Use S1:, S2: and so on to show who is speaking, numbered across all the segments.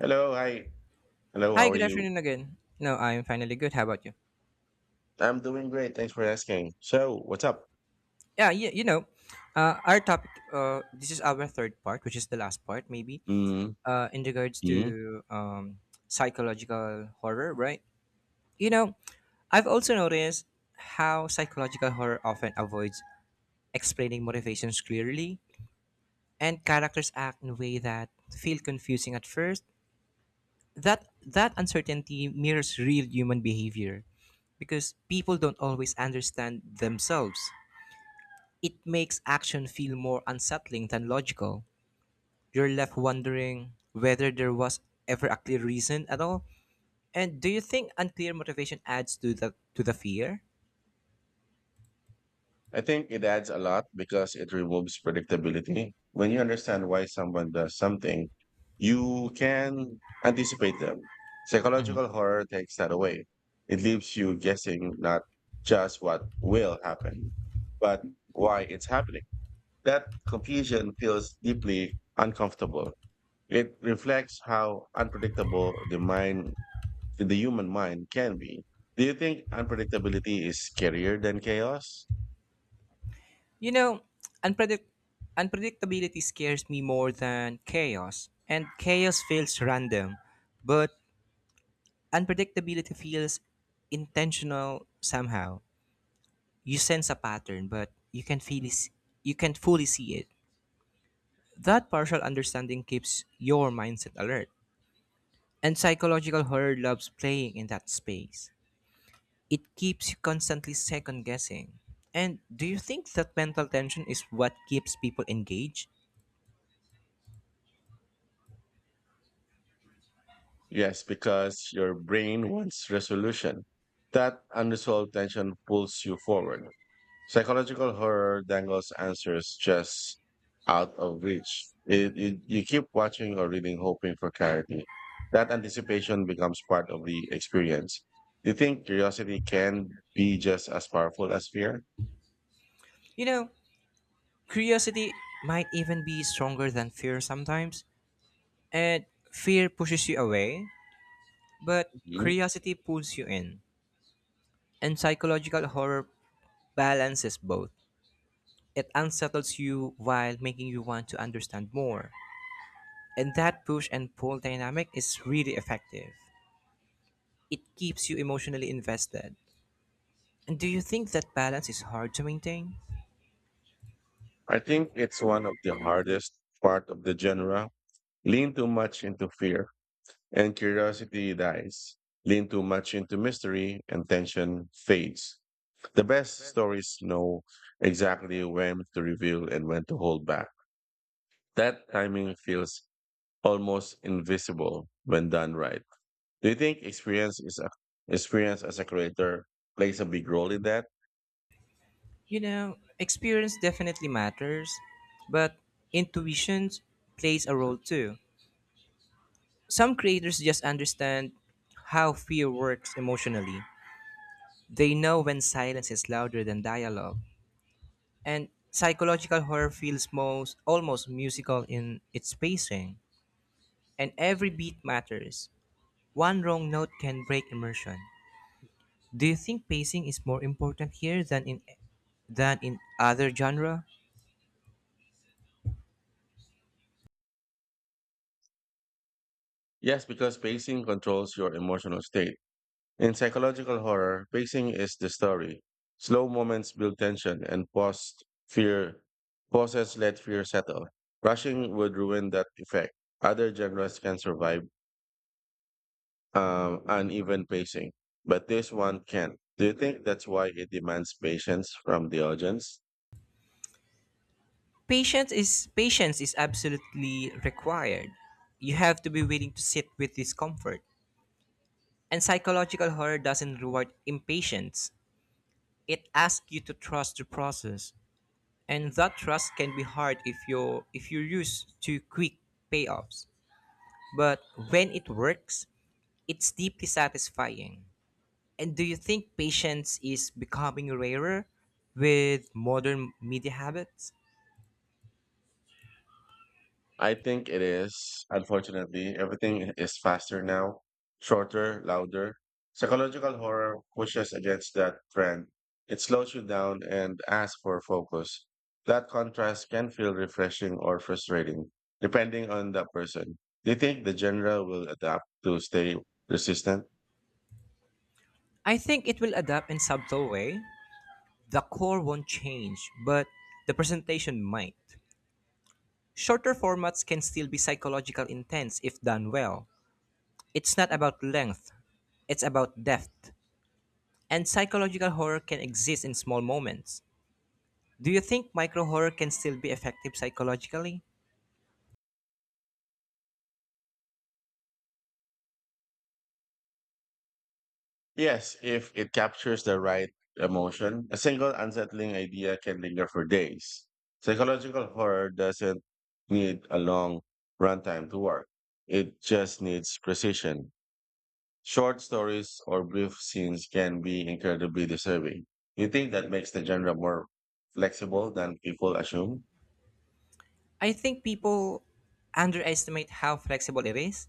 S1: Hello, hi. Hello,
S2: Hi,
S1: how are
S2: good
S1: you?
S2: afternoon again. No, I'm finally good. How about you?
S1: I'm doing great. Thanks for asking. So, what's up?
S2: Yeah, you, you know, our topic, this is our third part, which is the last part, maybe,
S1: Mm-hmm.
S2: in regards to psychological horror, right? You know, I've also noticed how psychological horror often avoids explaining motivations clearly, and characters act in a way that feel confusing at first. That uncertainty mirrors real human behavior, because people don't always understand themselves. It makes action feel more unsettling than logical. You're left wondering whether there was ever a clear reason at all. And do you think unclear motivation adds to the fear?
S1: I think it adds a lot because it removes predictability. When you understand why someone does something, you can anticipate them. Psychological horror takes that away. It leaves you guessing not just what will happen, but why it's happening. That confusion feels deeply uncomfortable. It reflects how unpredictable the mind in the human mind can be. Do you think unpredictability is scarier than chaos?
S2: You know, unpredict- Unpredictability scares me more than chaos, and chaos feels random, but unpredictability feels intentional somehow. You sense a pattern, but you can't fully see it. That partial understanding keeps your mindset alert. And psychological horror loves playing in that space. It keeps you constantly second guessing. And do you think that mental tension is what keeps people engaged?
S1: Yes, because your brain wants resolution. That unresolved tension pulls you forward. Psychological horror dangles answers just out of reach. You keep watching or reading, hoping for clarity. That anticipation becomes part of the experience. Do you think curiosity can be just as powerful as fear?
S2: You know, Curiosity might even be stronger than fear sometimes. And fear pushes you away, but
S1: Mhm.
S2: curiosity pulls you in. And psychological horror balances both. It unsettles you while making you want to understand more. And that push and pull dynamic is really effective. It keeps you emotionally invested. And do you think that balance is hard to maintain?
S1: I think it's one of the hardest part of the genre. Lean too much into fear and curiosity dies. Lean too much into mystery and tension fades. The best stories know exactly when to reveal and when to hold back. That timing feels almost invisible when done right. Do you think experience as a creator plays a big role in that?
S2: Experience definitely matters, but intuition plays a role too. Some creators just understand how fear works emotionally. They know when silence is louder than dialogue. And psychological horror feels most almost musical in its pacing. And every beat matters. One wrong note can break immersion. Do you think pacing is more important here than in other genre?
S1: Yes, because pacing controls your emotional state. In psychological horror, pacing is the story. Slow moments build tension and fear pauses let fear settle. Rushing would ruin that effect. Other genres can survive uneven pacing, but this one can't. Do you think that's why it demands patience from the audience?
S2: Patience is absolutely required. You have to be willing to sit with discomfort. And psychological horror doesn't reward impatience. It asks you to trust the process. And that trust can be hard if you are if you're used to quick payoffs. But when it works, it's deeply satisfying. And do you think patience is becoming rarer with modern media habits?
S1: I think it is, unfortunately. Everything is faster now, shorter, louder. Psychological horror pushes against that trend. It slows you down and asks for focus. That contrast can feel refreshing or frustrating, depending on the person. Do you think the genre will adapt to stay resistant?
S2: I think it will adapt in subtle way. The core won't change, but the presentation might. Shorter formats can still be psychological intense if done well. It's not about length, it's about depth. And psychological horror can exist in small moments. Do you think micro horror can still be effective psychologically?
S1: Yes, if it captures the right emotion, a single unsettling idea can linger for days. Psychological horror doesn't need a long runtime to work. It just needs precision. Short stories or brief scenes can be incredibly disturbing. You think that makes the genre more flexible than people assume?
S2: I think people underestimate how flexible it is.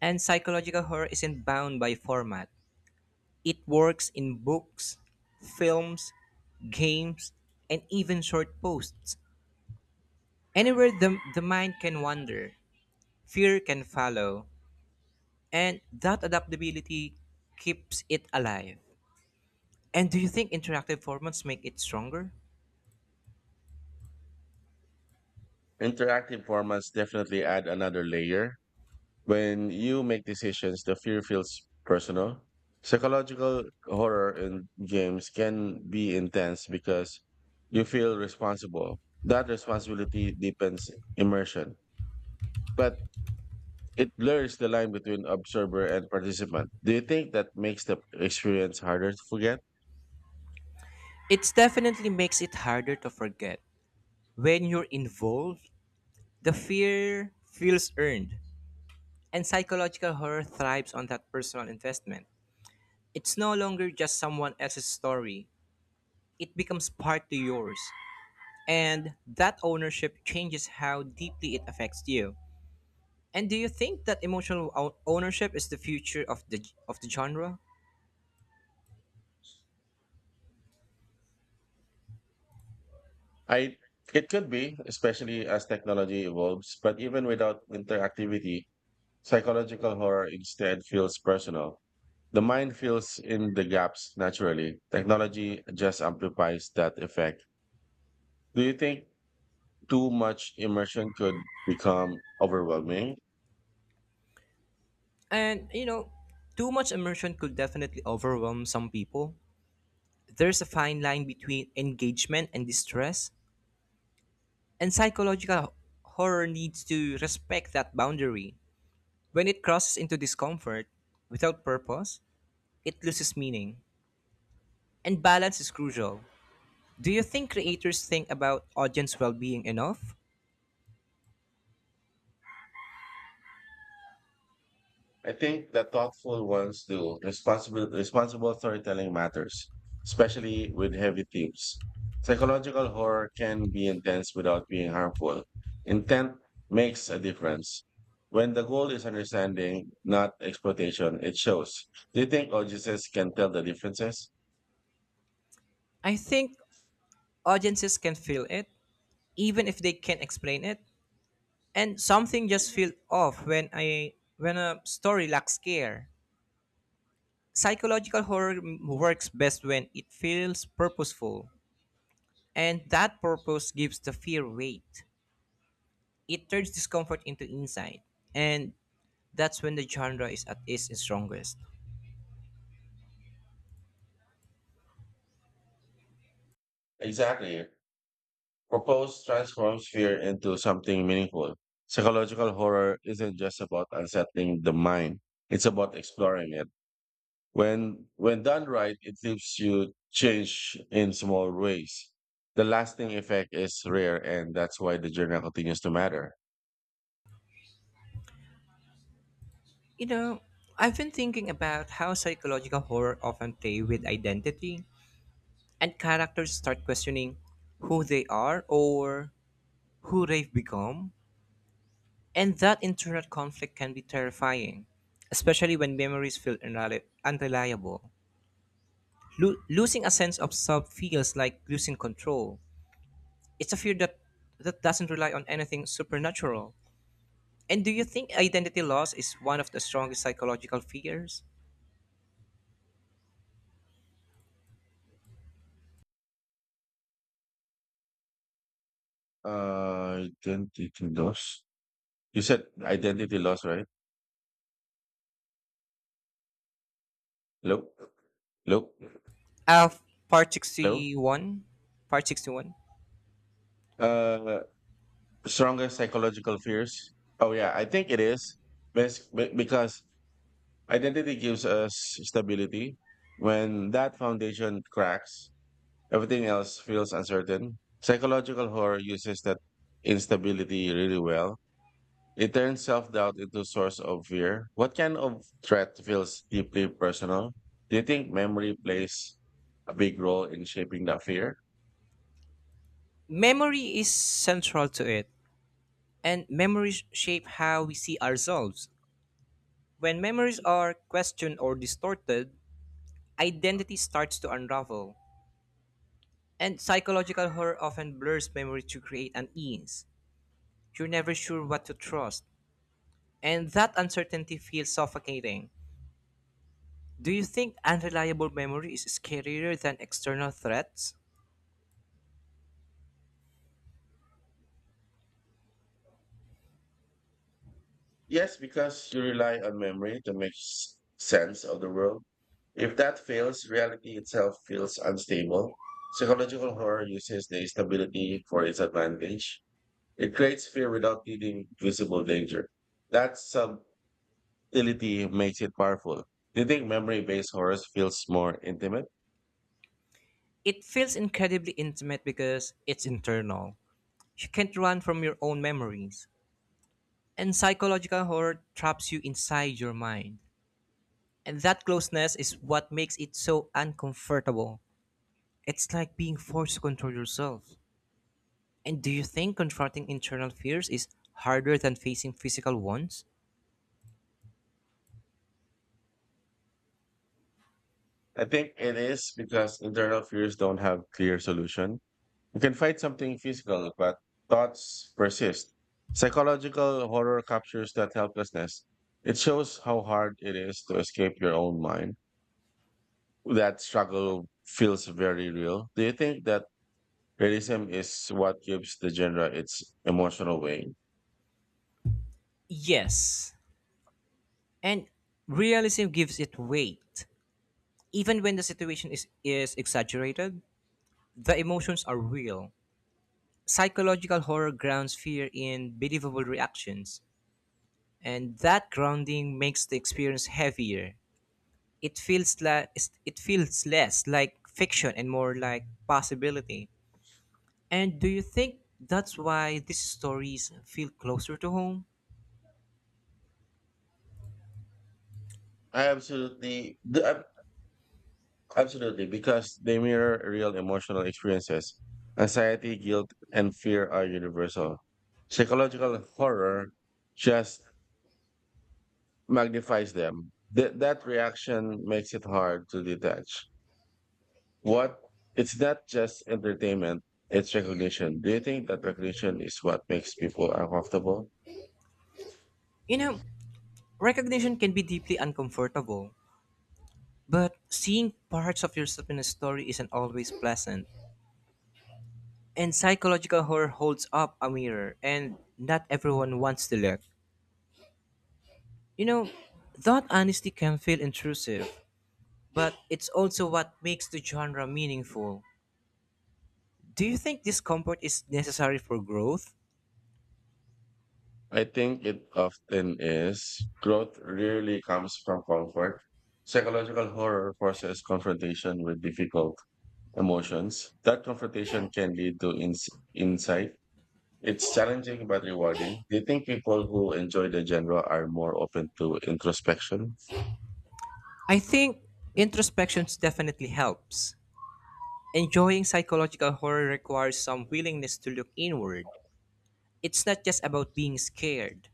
S2: And psychological horror isn't bound by format. It works in books, films, games, and even short posts. Anywhere the mind can wander, fear can follow, and that adaptability keeps it alive. And do you think interactive formats make it stronger?
S1: Interactive formats definitely add another layer. When you make decisions, the fear feels personal. Psychological horror in games can be intense because you feel responsible. That responsibility deepens immersion, but it blurs the line between observer and participant. Do you think that makes the experience harder to forget?
S2: It definitely makes it harder to forget. When you're involved, the fear feels earned, and psychological horror thrives on that personal investment. It's no longer just someone else's story, it becomes part to yours. And that ownership changes how deeply it affects you. And do you think that emotional ownership is the future of the genre?
S1: I it could be, especially as technology evolves, but even without interactivity, psychological horror instead feels personal. The mind fills in the gaps naturally. Technology just amplifies that effect. Do you think too much immersion could become overwhelming?
S2: And you know, Too much immersion could definitely overwhelm some people. There's a fine line between engagement and distress, and psychological horror needs to respect that boundary. When it crosses into discomfort without purpose, it loses meaning. And balance is crucial. Do you think creators think about audience well being enough?
S1: I think the thoughtful ones do. Responsible storytelling matters, especially with heavy themes. Psychological horror can be intense without being harmful. Intent makes a difference. When the goal is understanding, not exploitation, it shows. Do you think audiences can tell the differences?
S2: I think audiences can feel it, even if they can't explain it. And something just feels off when a story lacks care. Psychological horror works best when it feels purposeful, and that purpose gives the fear weight. It turns discomfort into insight, and that's when the genre is at its strongest.
S1: Exactly. Propose transforms fear into something meaningful. Psychological horror isn't just about unsettling the mind. It's about exploring it. When done right, it leaves you change in small ways. The lasting effect is rare and that's why the journal continues to matter.
S2: You know, I've been thinking about how psychological horror often play with identity, and characters start questioning who they are or who they've become, and that internal conflict can be terrifying, especially when memories feel unreliable. Lo- losing a sense of self feels like losing control. It's a fear that doesn't rely on anything supernatural. And do you think identity loss is one of the strongest psychological fears?
S1: Identity loss. You said identity loss, right? Hello? Hello?
S2: Of Part
S1: Hello?
S2: 61, Part 61,
S1: Uh Strongest psychological fears. Oh yeah, I think it is, because identity gives us stability. When that foundation cracks, everything else feels uncertain. Psychological horror uses that instability really well. It turns self-doubt into a source of fear. What kind of threat feels deeply personal? Do you think memory plays a big role in shaping that fear?
S2: memory is central to it, and memories shape how we see ourselves. When memories are questioned or distorted, identity starts to unravel, and psychological horror often blurs memory to create unease. You're never sure what to trust, and that uncertainty feels suffocating. Do you think unreliable memory is scarier than external threats?
S1: Yes, because you rely on memory to make sense of the world. If that fails, reality itself feels unstable. Psychological horror uses the instability for its advantage. It creates fear without needing visible danger. That subtlety makes it powerful. Do you think memory based horror feels more intimate?
S2: It feels incredibly intimate because it's internal. You can't run from your own memories. And psychological horror traps you inside your mind. And that closeness is what makes it so uncomfortable. It's like being forced to control yourself. And do you think confronting internal fears is harder than facing physical ones?
S1: I think it is because internal fears don't have clear solution. You can fight something physical, but thoughts persist. Psychological horror captures that helplessness. It shows how hard it is to escape your own mind. That struggle feels very real. Do you think that realism is what gives the genre its emotional weight.
S2: Yes. And realism gives it weight. Even when the situation is exaggerated, the emotions are real. Psychological horror grounds fear in believable reactions and that grounding makes the experience heavier. It feels like it feels less like fiction and more like possibility. And do you think that's why these stories feel closer to home?
S1: I absolutely, the, ab- absolutely, because they mirror real emotional experiences. Anxiety, guilt, and fear are universal. Psychological horror just magnifies them. That reaction makes it hard to detach. What It's not just entertainment, it's recognition. Do you think that recognition is what makes people uncomfortable?
S2: You know, Recognition can be deeply uncomfortable, but seeing parts of yourself in a story isn't always pleasant. And psychological horror holds up a mirror, and not everyone wants to look. You know, that honesty can feel intrusive, but it's also what makes the genre meaningful. Do you think discomfort is necessary for growth?
S1: I think it often is. Growth rarely comes from comfort. Psychological horror forces confrontation with difficult emotions. That confrontation can lead to insight. It's challenging but rewarding. Do you think people who enjoy the genre are more open to introspection?
S2: I think introspection definitely helps. Enjoying psychological horror requires some willingness to look inward. It's not just about being scared,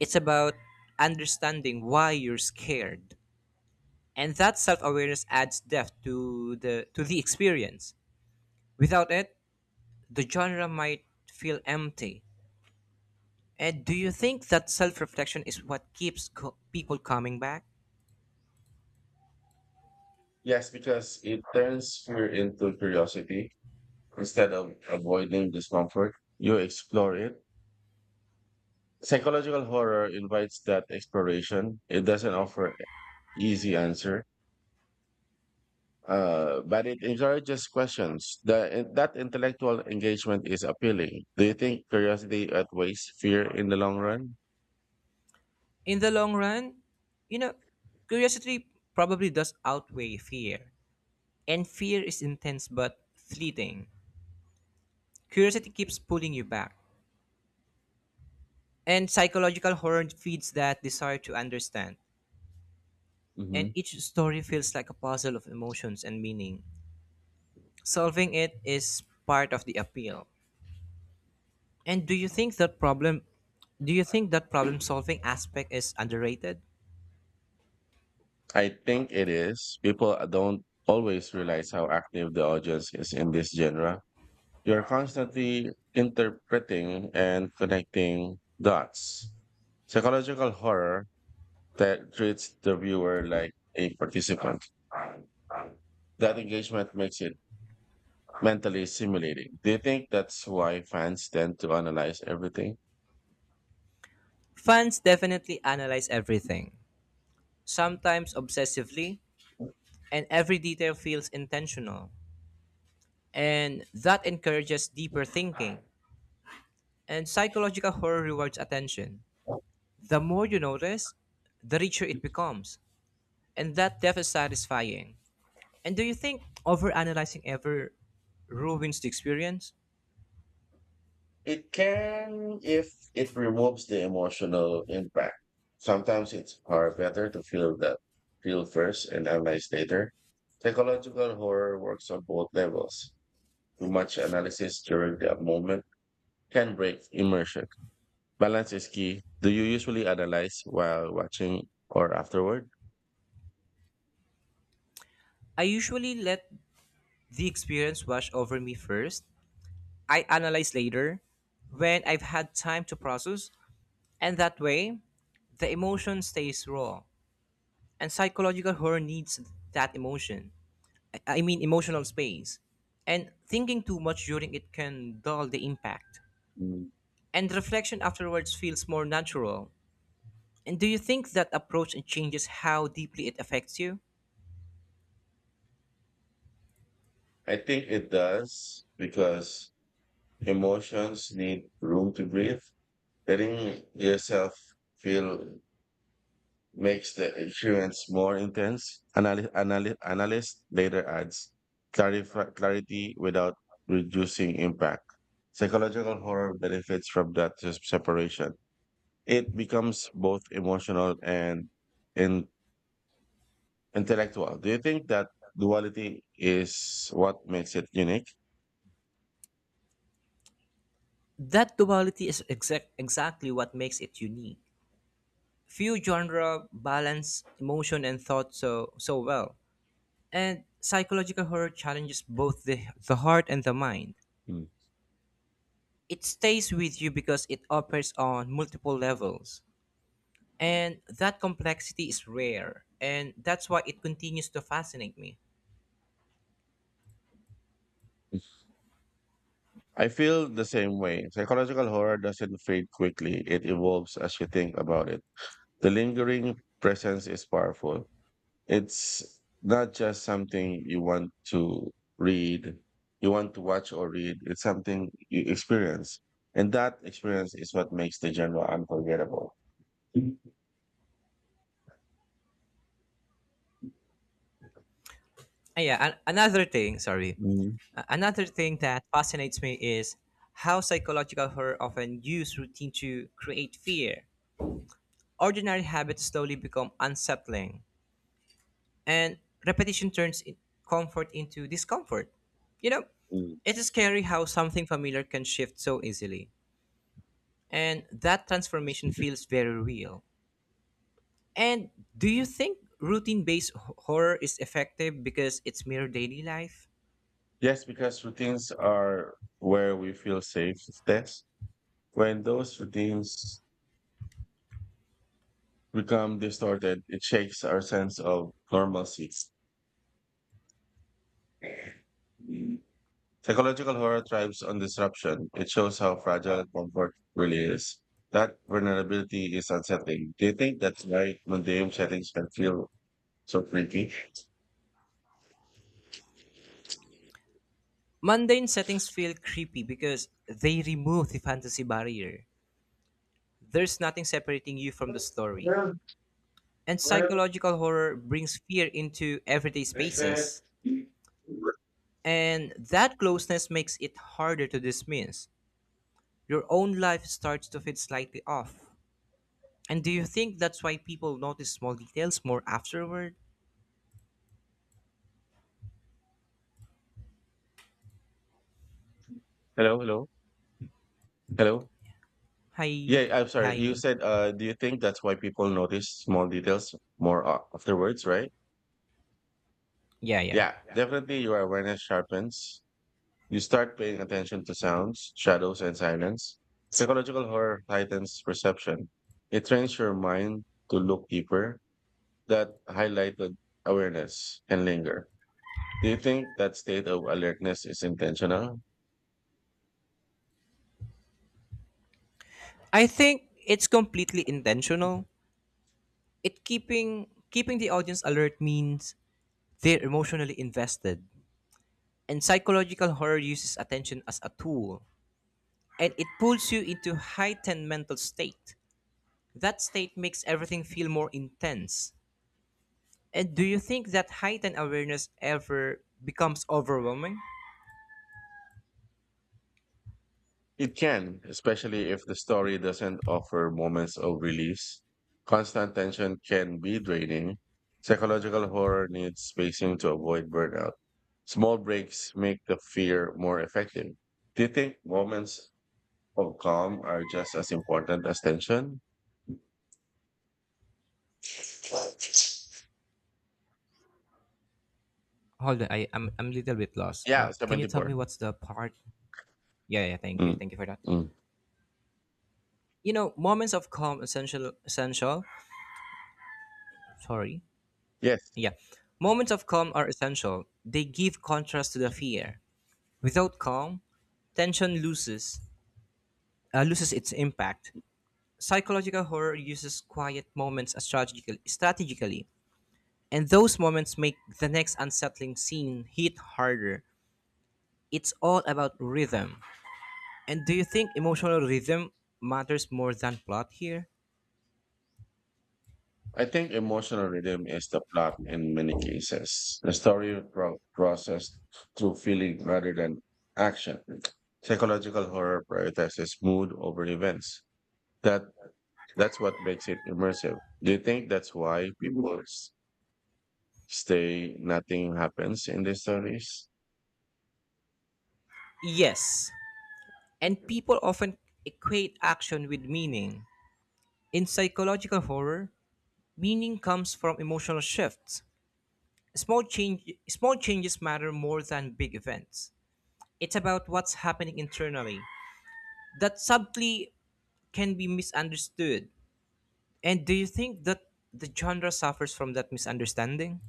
S2: it's about understanding why you're scared. And that self-awareness adds depth to the experience. Without it, the genre might feel empty. And do you think that self reflection is what keeps people coming back?
S1: Yes, because it turns fear into curiosity. Instead of avoiding discomfort, you explore it. Psychological horror invites that exploration. It doesn't offer easy answer, but it encourages questions. That intellectual engagement is appealing. Do you think curiosity outweighs fear in the long run?
S2: In the long run, you know, curiosity probably does outweigh fear. And fear is intense but fleeting. Curiosity keeps pulling you back. And psychological horror feeds that desire to understand. And
S1: Hmm.
S2: each story feels like a puzzle of emotions and meaning. Solving it is part of the appeal. And do you think that problem solving aspect is underrated?
S1: I think it is. People don't always realize how active the audience is in this genre. You're constantly interpreting and connecting dots. Psychological horror that treats the viewer like a participant. That engagement makes it mentally stimulating. Do you think that's why fans tend to analyze everything?
S2: Fans definitely analyze everything, sometimes obsessively, and every detail feels intentional. And that encourages deeper thinking. And psychological horror rewards attention. The more you notice, the richer it becomes. And that depth is satisfying. And do you think overanalyzing ever ruins the experience?
S1: It can if it removes the emotional impact. Sometimes it's far better to feel first and analyze later. Psychological horror works on both levels. Too much analysis during the moment can break immersion. Balance is key. Do you usually analyze while watching or afterward?
S2: I usually let the experience wash over me first. I analyze later when I've had time to process. And that way, the emotion stays raw. And psychological horror needs that emotion. I mean, emotional space. And thinking too much during it can dull the impact.
S1: Mm.
S2: And reflection afterwards feels more natural. And do you think that approach changes how deeply it affects you?
S1: I think it does because emotions need room to breathe. Letting yourself feel makes the experience more intense. Analyst later adds clarity without reducing impact. Psychological horror benefits from that separation. It becomes both emotional and in- intellectual. Do you think that duality is what makes it unique?
S2: That duality is exactly what makes it unique. Few genre balance emotion and thought so well. And psychological horror challenges both the heart and the mind.
S1: Mm.
S2: It stays with you because it operates on multiple levels. And that complexity is rare. And that's why it continues to fascinate me.
S1: I feel the same way. Psychological horror doesn't fade quickly, it evolves as you think about it. The lingering presence is powerful. It's not just something you want to read, you want to watch or read, it's something you experience. And that experience is what makes the genre unforgettable. Mhm.
S2: Another thing, sorry. Another thing that fascinates me is how psychological horror often use routine to create fear. Ordinary habits slowly become unsettling, and repetition turns comfort into discomfort. You know,
S1: Mm.
S2: it's scary how something familiar can shift so easily. And that transformation feels very real. And do you think routine based horror is effective because it's mere daily life?
S1: Yes, because routines are where we feel safe. That's when those routines become distorted, it shakes our sense of normalcy. Psychological horror thrives on disruption. It shows how fragile comfort really is. That vulnerability is unsettling. Do you think that's why museum settings can feel so freaky?
S2: Mundane settings feel creepy because they remove the fantasy barrier. There's nothing separating you from the story.
S1: Hello,
S2: And psychological horror brings fear into everyday spaces. And that closeness makes it harder to dismiss. Your own life starts to feel slightly off. And do you think that's why people notice small details more afterward?
S1: hello, hello.
S2: Hi,
S1: Yeah, I'm sorry. You
S2: hi.
S1: said, do you think that's why people notice small details more afterwards, right?
S2: Yeah, yeah.
S1: Yeah, definitely your awareness sharpens. You start paying attention to sounds, shadows, and silence. Psychological horror heightens perception. It trains your mind to look deeper, that highlighted awareness can linger. Do you think that state of alertness is intentional?
S2: I think it's completely intentional. It keeping the audience alert means they're emotionally invested. And psychological horror uses attention as a tool, and it pulls you into heightened mental state. That state makes everything feel more intense. And do you think that heightened awareness ever becomes overwhelming?
S1: It can, especially if the story doesn't offer moments of release. Constant tension can be draining. Psychological horror needs spacing to avoid burnout. Small breaks make the fear more effective. Do you think moments of calm are just as important as tension?
S2: Hold on, I'm a little bit lost.
S1: Yeah,
S2: Can you tell
S1: 74.
S2: me what's the part? Yeah, yeah.
S1: Mm.
S2: Thank you for that.
S1: Mm.
S2: You know, moments of calm essential essential sorry
S1: Yes.
S2: yeah Moments of calm are essential. They give contrast to the fear. Without calm, tension loses its impact. Psychological horror uses quiet moments as strategically, and those moments make the next unsettling scene hit harder. It's all about rhythm. And do you think emotional rhythm matters more than plot here?
S1: I think emotional rhythm is the plot in many cases. The story processed through feeling rather than action. Psychological horror prioritizes mood over events. That that's what makes it immersive. Do you think that's why people stay nothing happens in these stories?
S2: Yes. And people often equate action with meaning. In psychological horror, meaning comes from emotional shifts. Small changes matter more than big events. It's about what's happening internally that subtly can be misunderstood. And do you think that the genre suffers from that misunderstanding?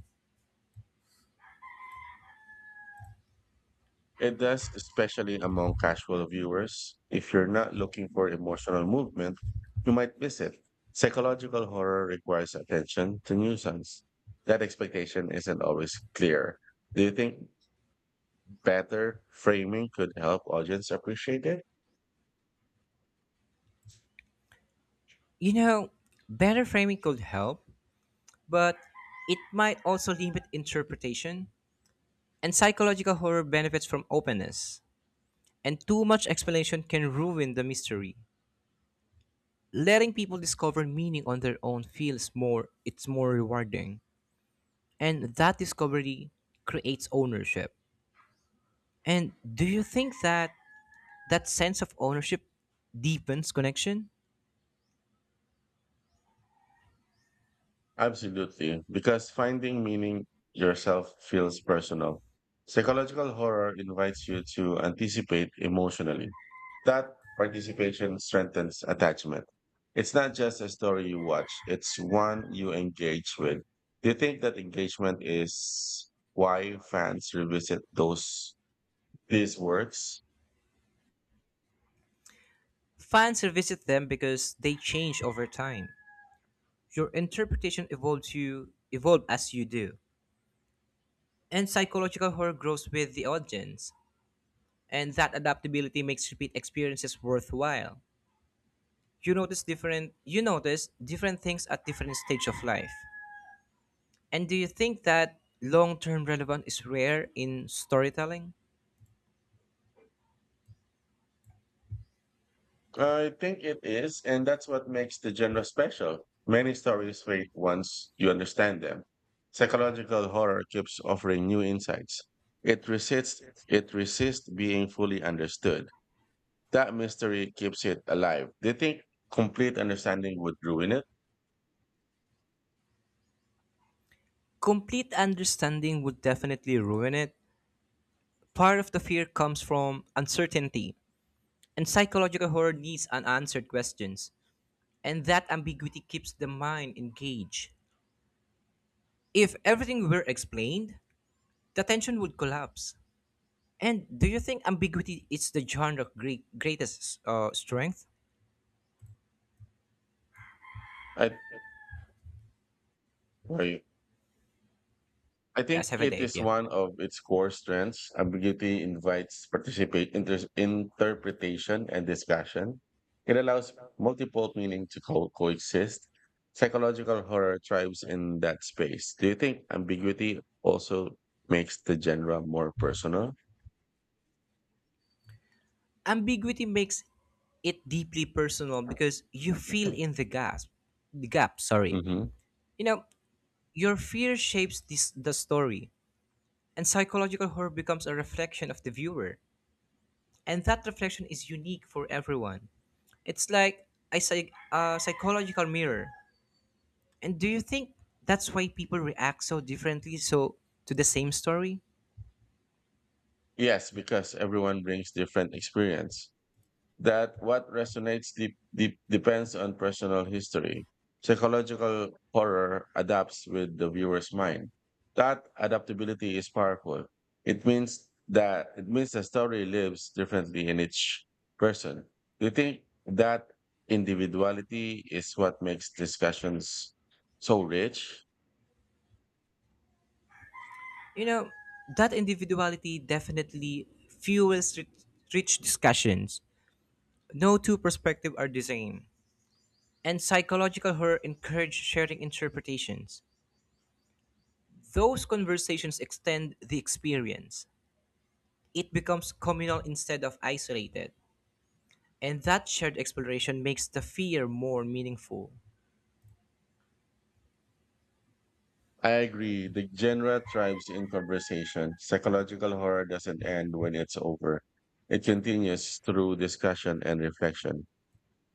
S1: It does, especially among casual viewers. If you're not looking for emotional movement, you might miss it. Psychological horror requires attention to nuisance. That expectation isn't always clear. Do you think better framing could help audience appreciate it?
S2: You know, Better framing could help, but it might also limit interpretation. And psychological horror benefits from openness. And too much explanation can ruin the mystery. Letting people discover meaning on their own feels more it's more rewarding, and that discovery creates ownership. And do you think that sense of ownership deepens connection?
S1: Absolutely, because finding meaning yourself feels personal. Psychological horror invites you to anticipate emotionally. That participation strengthens attachment. It's not just a story you watch, it's one you engage with. Do you think that engagement is why fans revisit those these works?
S2: Fans revisit them because they change over time. Your interpretation evolves you evolve as you do. And psychological horror grows with the audience, and that adaptability makes repeat experiences worthwhile. You notice different things at different stage of life. And do you think that long-term relevance is rare in storytelling?
S1: I think it is, and that's what makes the genre special. Many stories fade once you understand them. Psychological horror keeps offering new insights. It resists it resists being fully understood. That mystery keeps it alive. Do you think complete understanding would ruin it?
S2: Complete understanding would definitely ruin it. Part of the fear comes from uncertainty, and psychological horror needs unanswered questions, and that ambiguity keeps the mind engaged. If everything were explained, the tension would collapse. And do you think ambiguity is the greatest strength?
S1: I or I
S2: Yeah,
S1: think
S2: seven to
S1: it
S2: eight,
S1: is
S2: yeah.
S1: one of its core strengths. Ambiguity invites participate interpretation and discussion. It allows multiple meaning to coexist. Psychological horror thrives in that space. Do you think ambiguity also makes the genre more personal?
S2: Ambiguity makes it deeply personal because you feel in the gap, sorry.
S1: Hmm.
S2: You know, your fear shapes this the story, and psychological horror becomes a reflection of the viewer, and that reflection is unique for everyone. It's like a psychological mirror. And do you think that's why people react so differently to the same story?
S1: Yes, because everyone brings different experience. That what resonates deep depends on personal history. Psychological horror adapts with the viewer's mind. That adaptability is powerful. It means the story lives differently in each person. Do you think that individuality is what makes discussions so rich?
S2: you know that individuality definitely fuels rich discussions. No two perspectives are the same, and psychological horror encourages sharing interpretations. Those conversations extend the experience. It becomes communal instead of isolated, and that shared exploration makes the fear more meaningful.
S1: I agree. The genre thrives in conversation. Psychological horror doesn't end when it's over. It continues through discussion and reflection.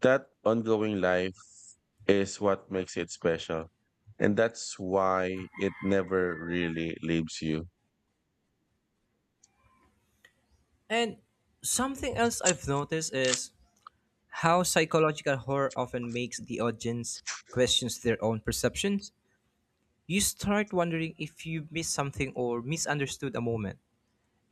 S1: That ongoing life is what makes it special. And that's why it never really leaves you.
S2: And something else I've noticed is how psychological horror often makes the audience questions their own perceptions. You start wondering if you missed something or misunderstood a moment.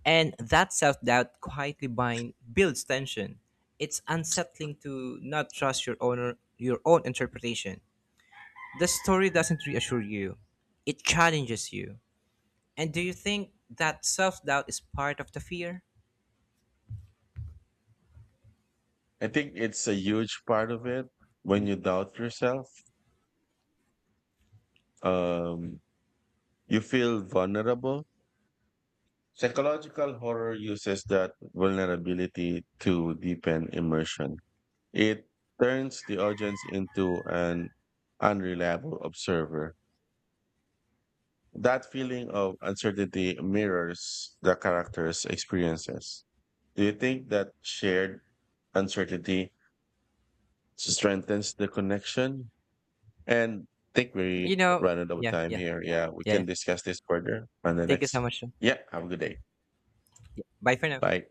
S2: And that self doubt builds tension. It's unsettling to not trust your own interpretation. The story doesn't reassure you, it challenges you. And do you think that self doubt is part of the fear?
S1: I think it's a huge part of it. When you doubt yourself, um, you feel vulnerable. Psychological horror uses that vulnerability to deepen immersion. It turns the audience into an unreliable observer. That feeling of uncertainty mirrors the character's experiences. Do you think that shared uncertainty strengthens the connection? And I think
S2: You
S1: we
S2: know,
S1: run out of
S2: yeah,
S1: time
S2: yeah,
S1: here. Yeah, we
S2: yeah.
S1: can discuss this further on the
S2: Thank you so
S1: next.
S2: much.
S1: Yeah, have a good day.
S2: Yeah. Bye for now.
S1: Bye.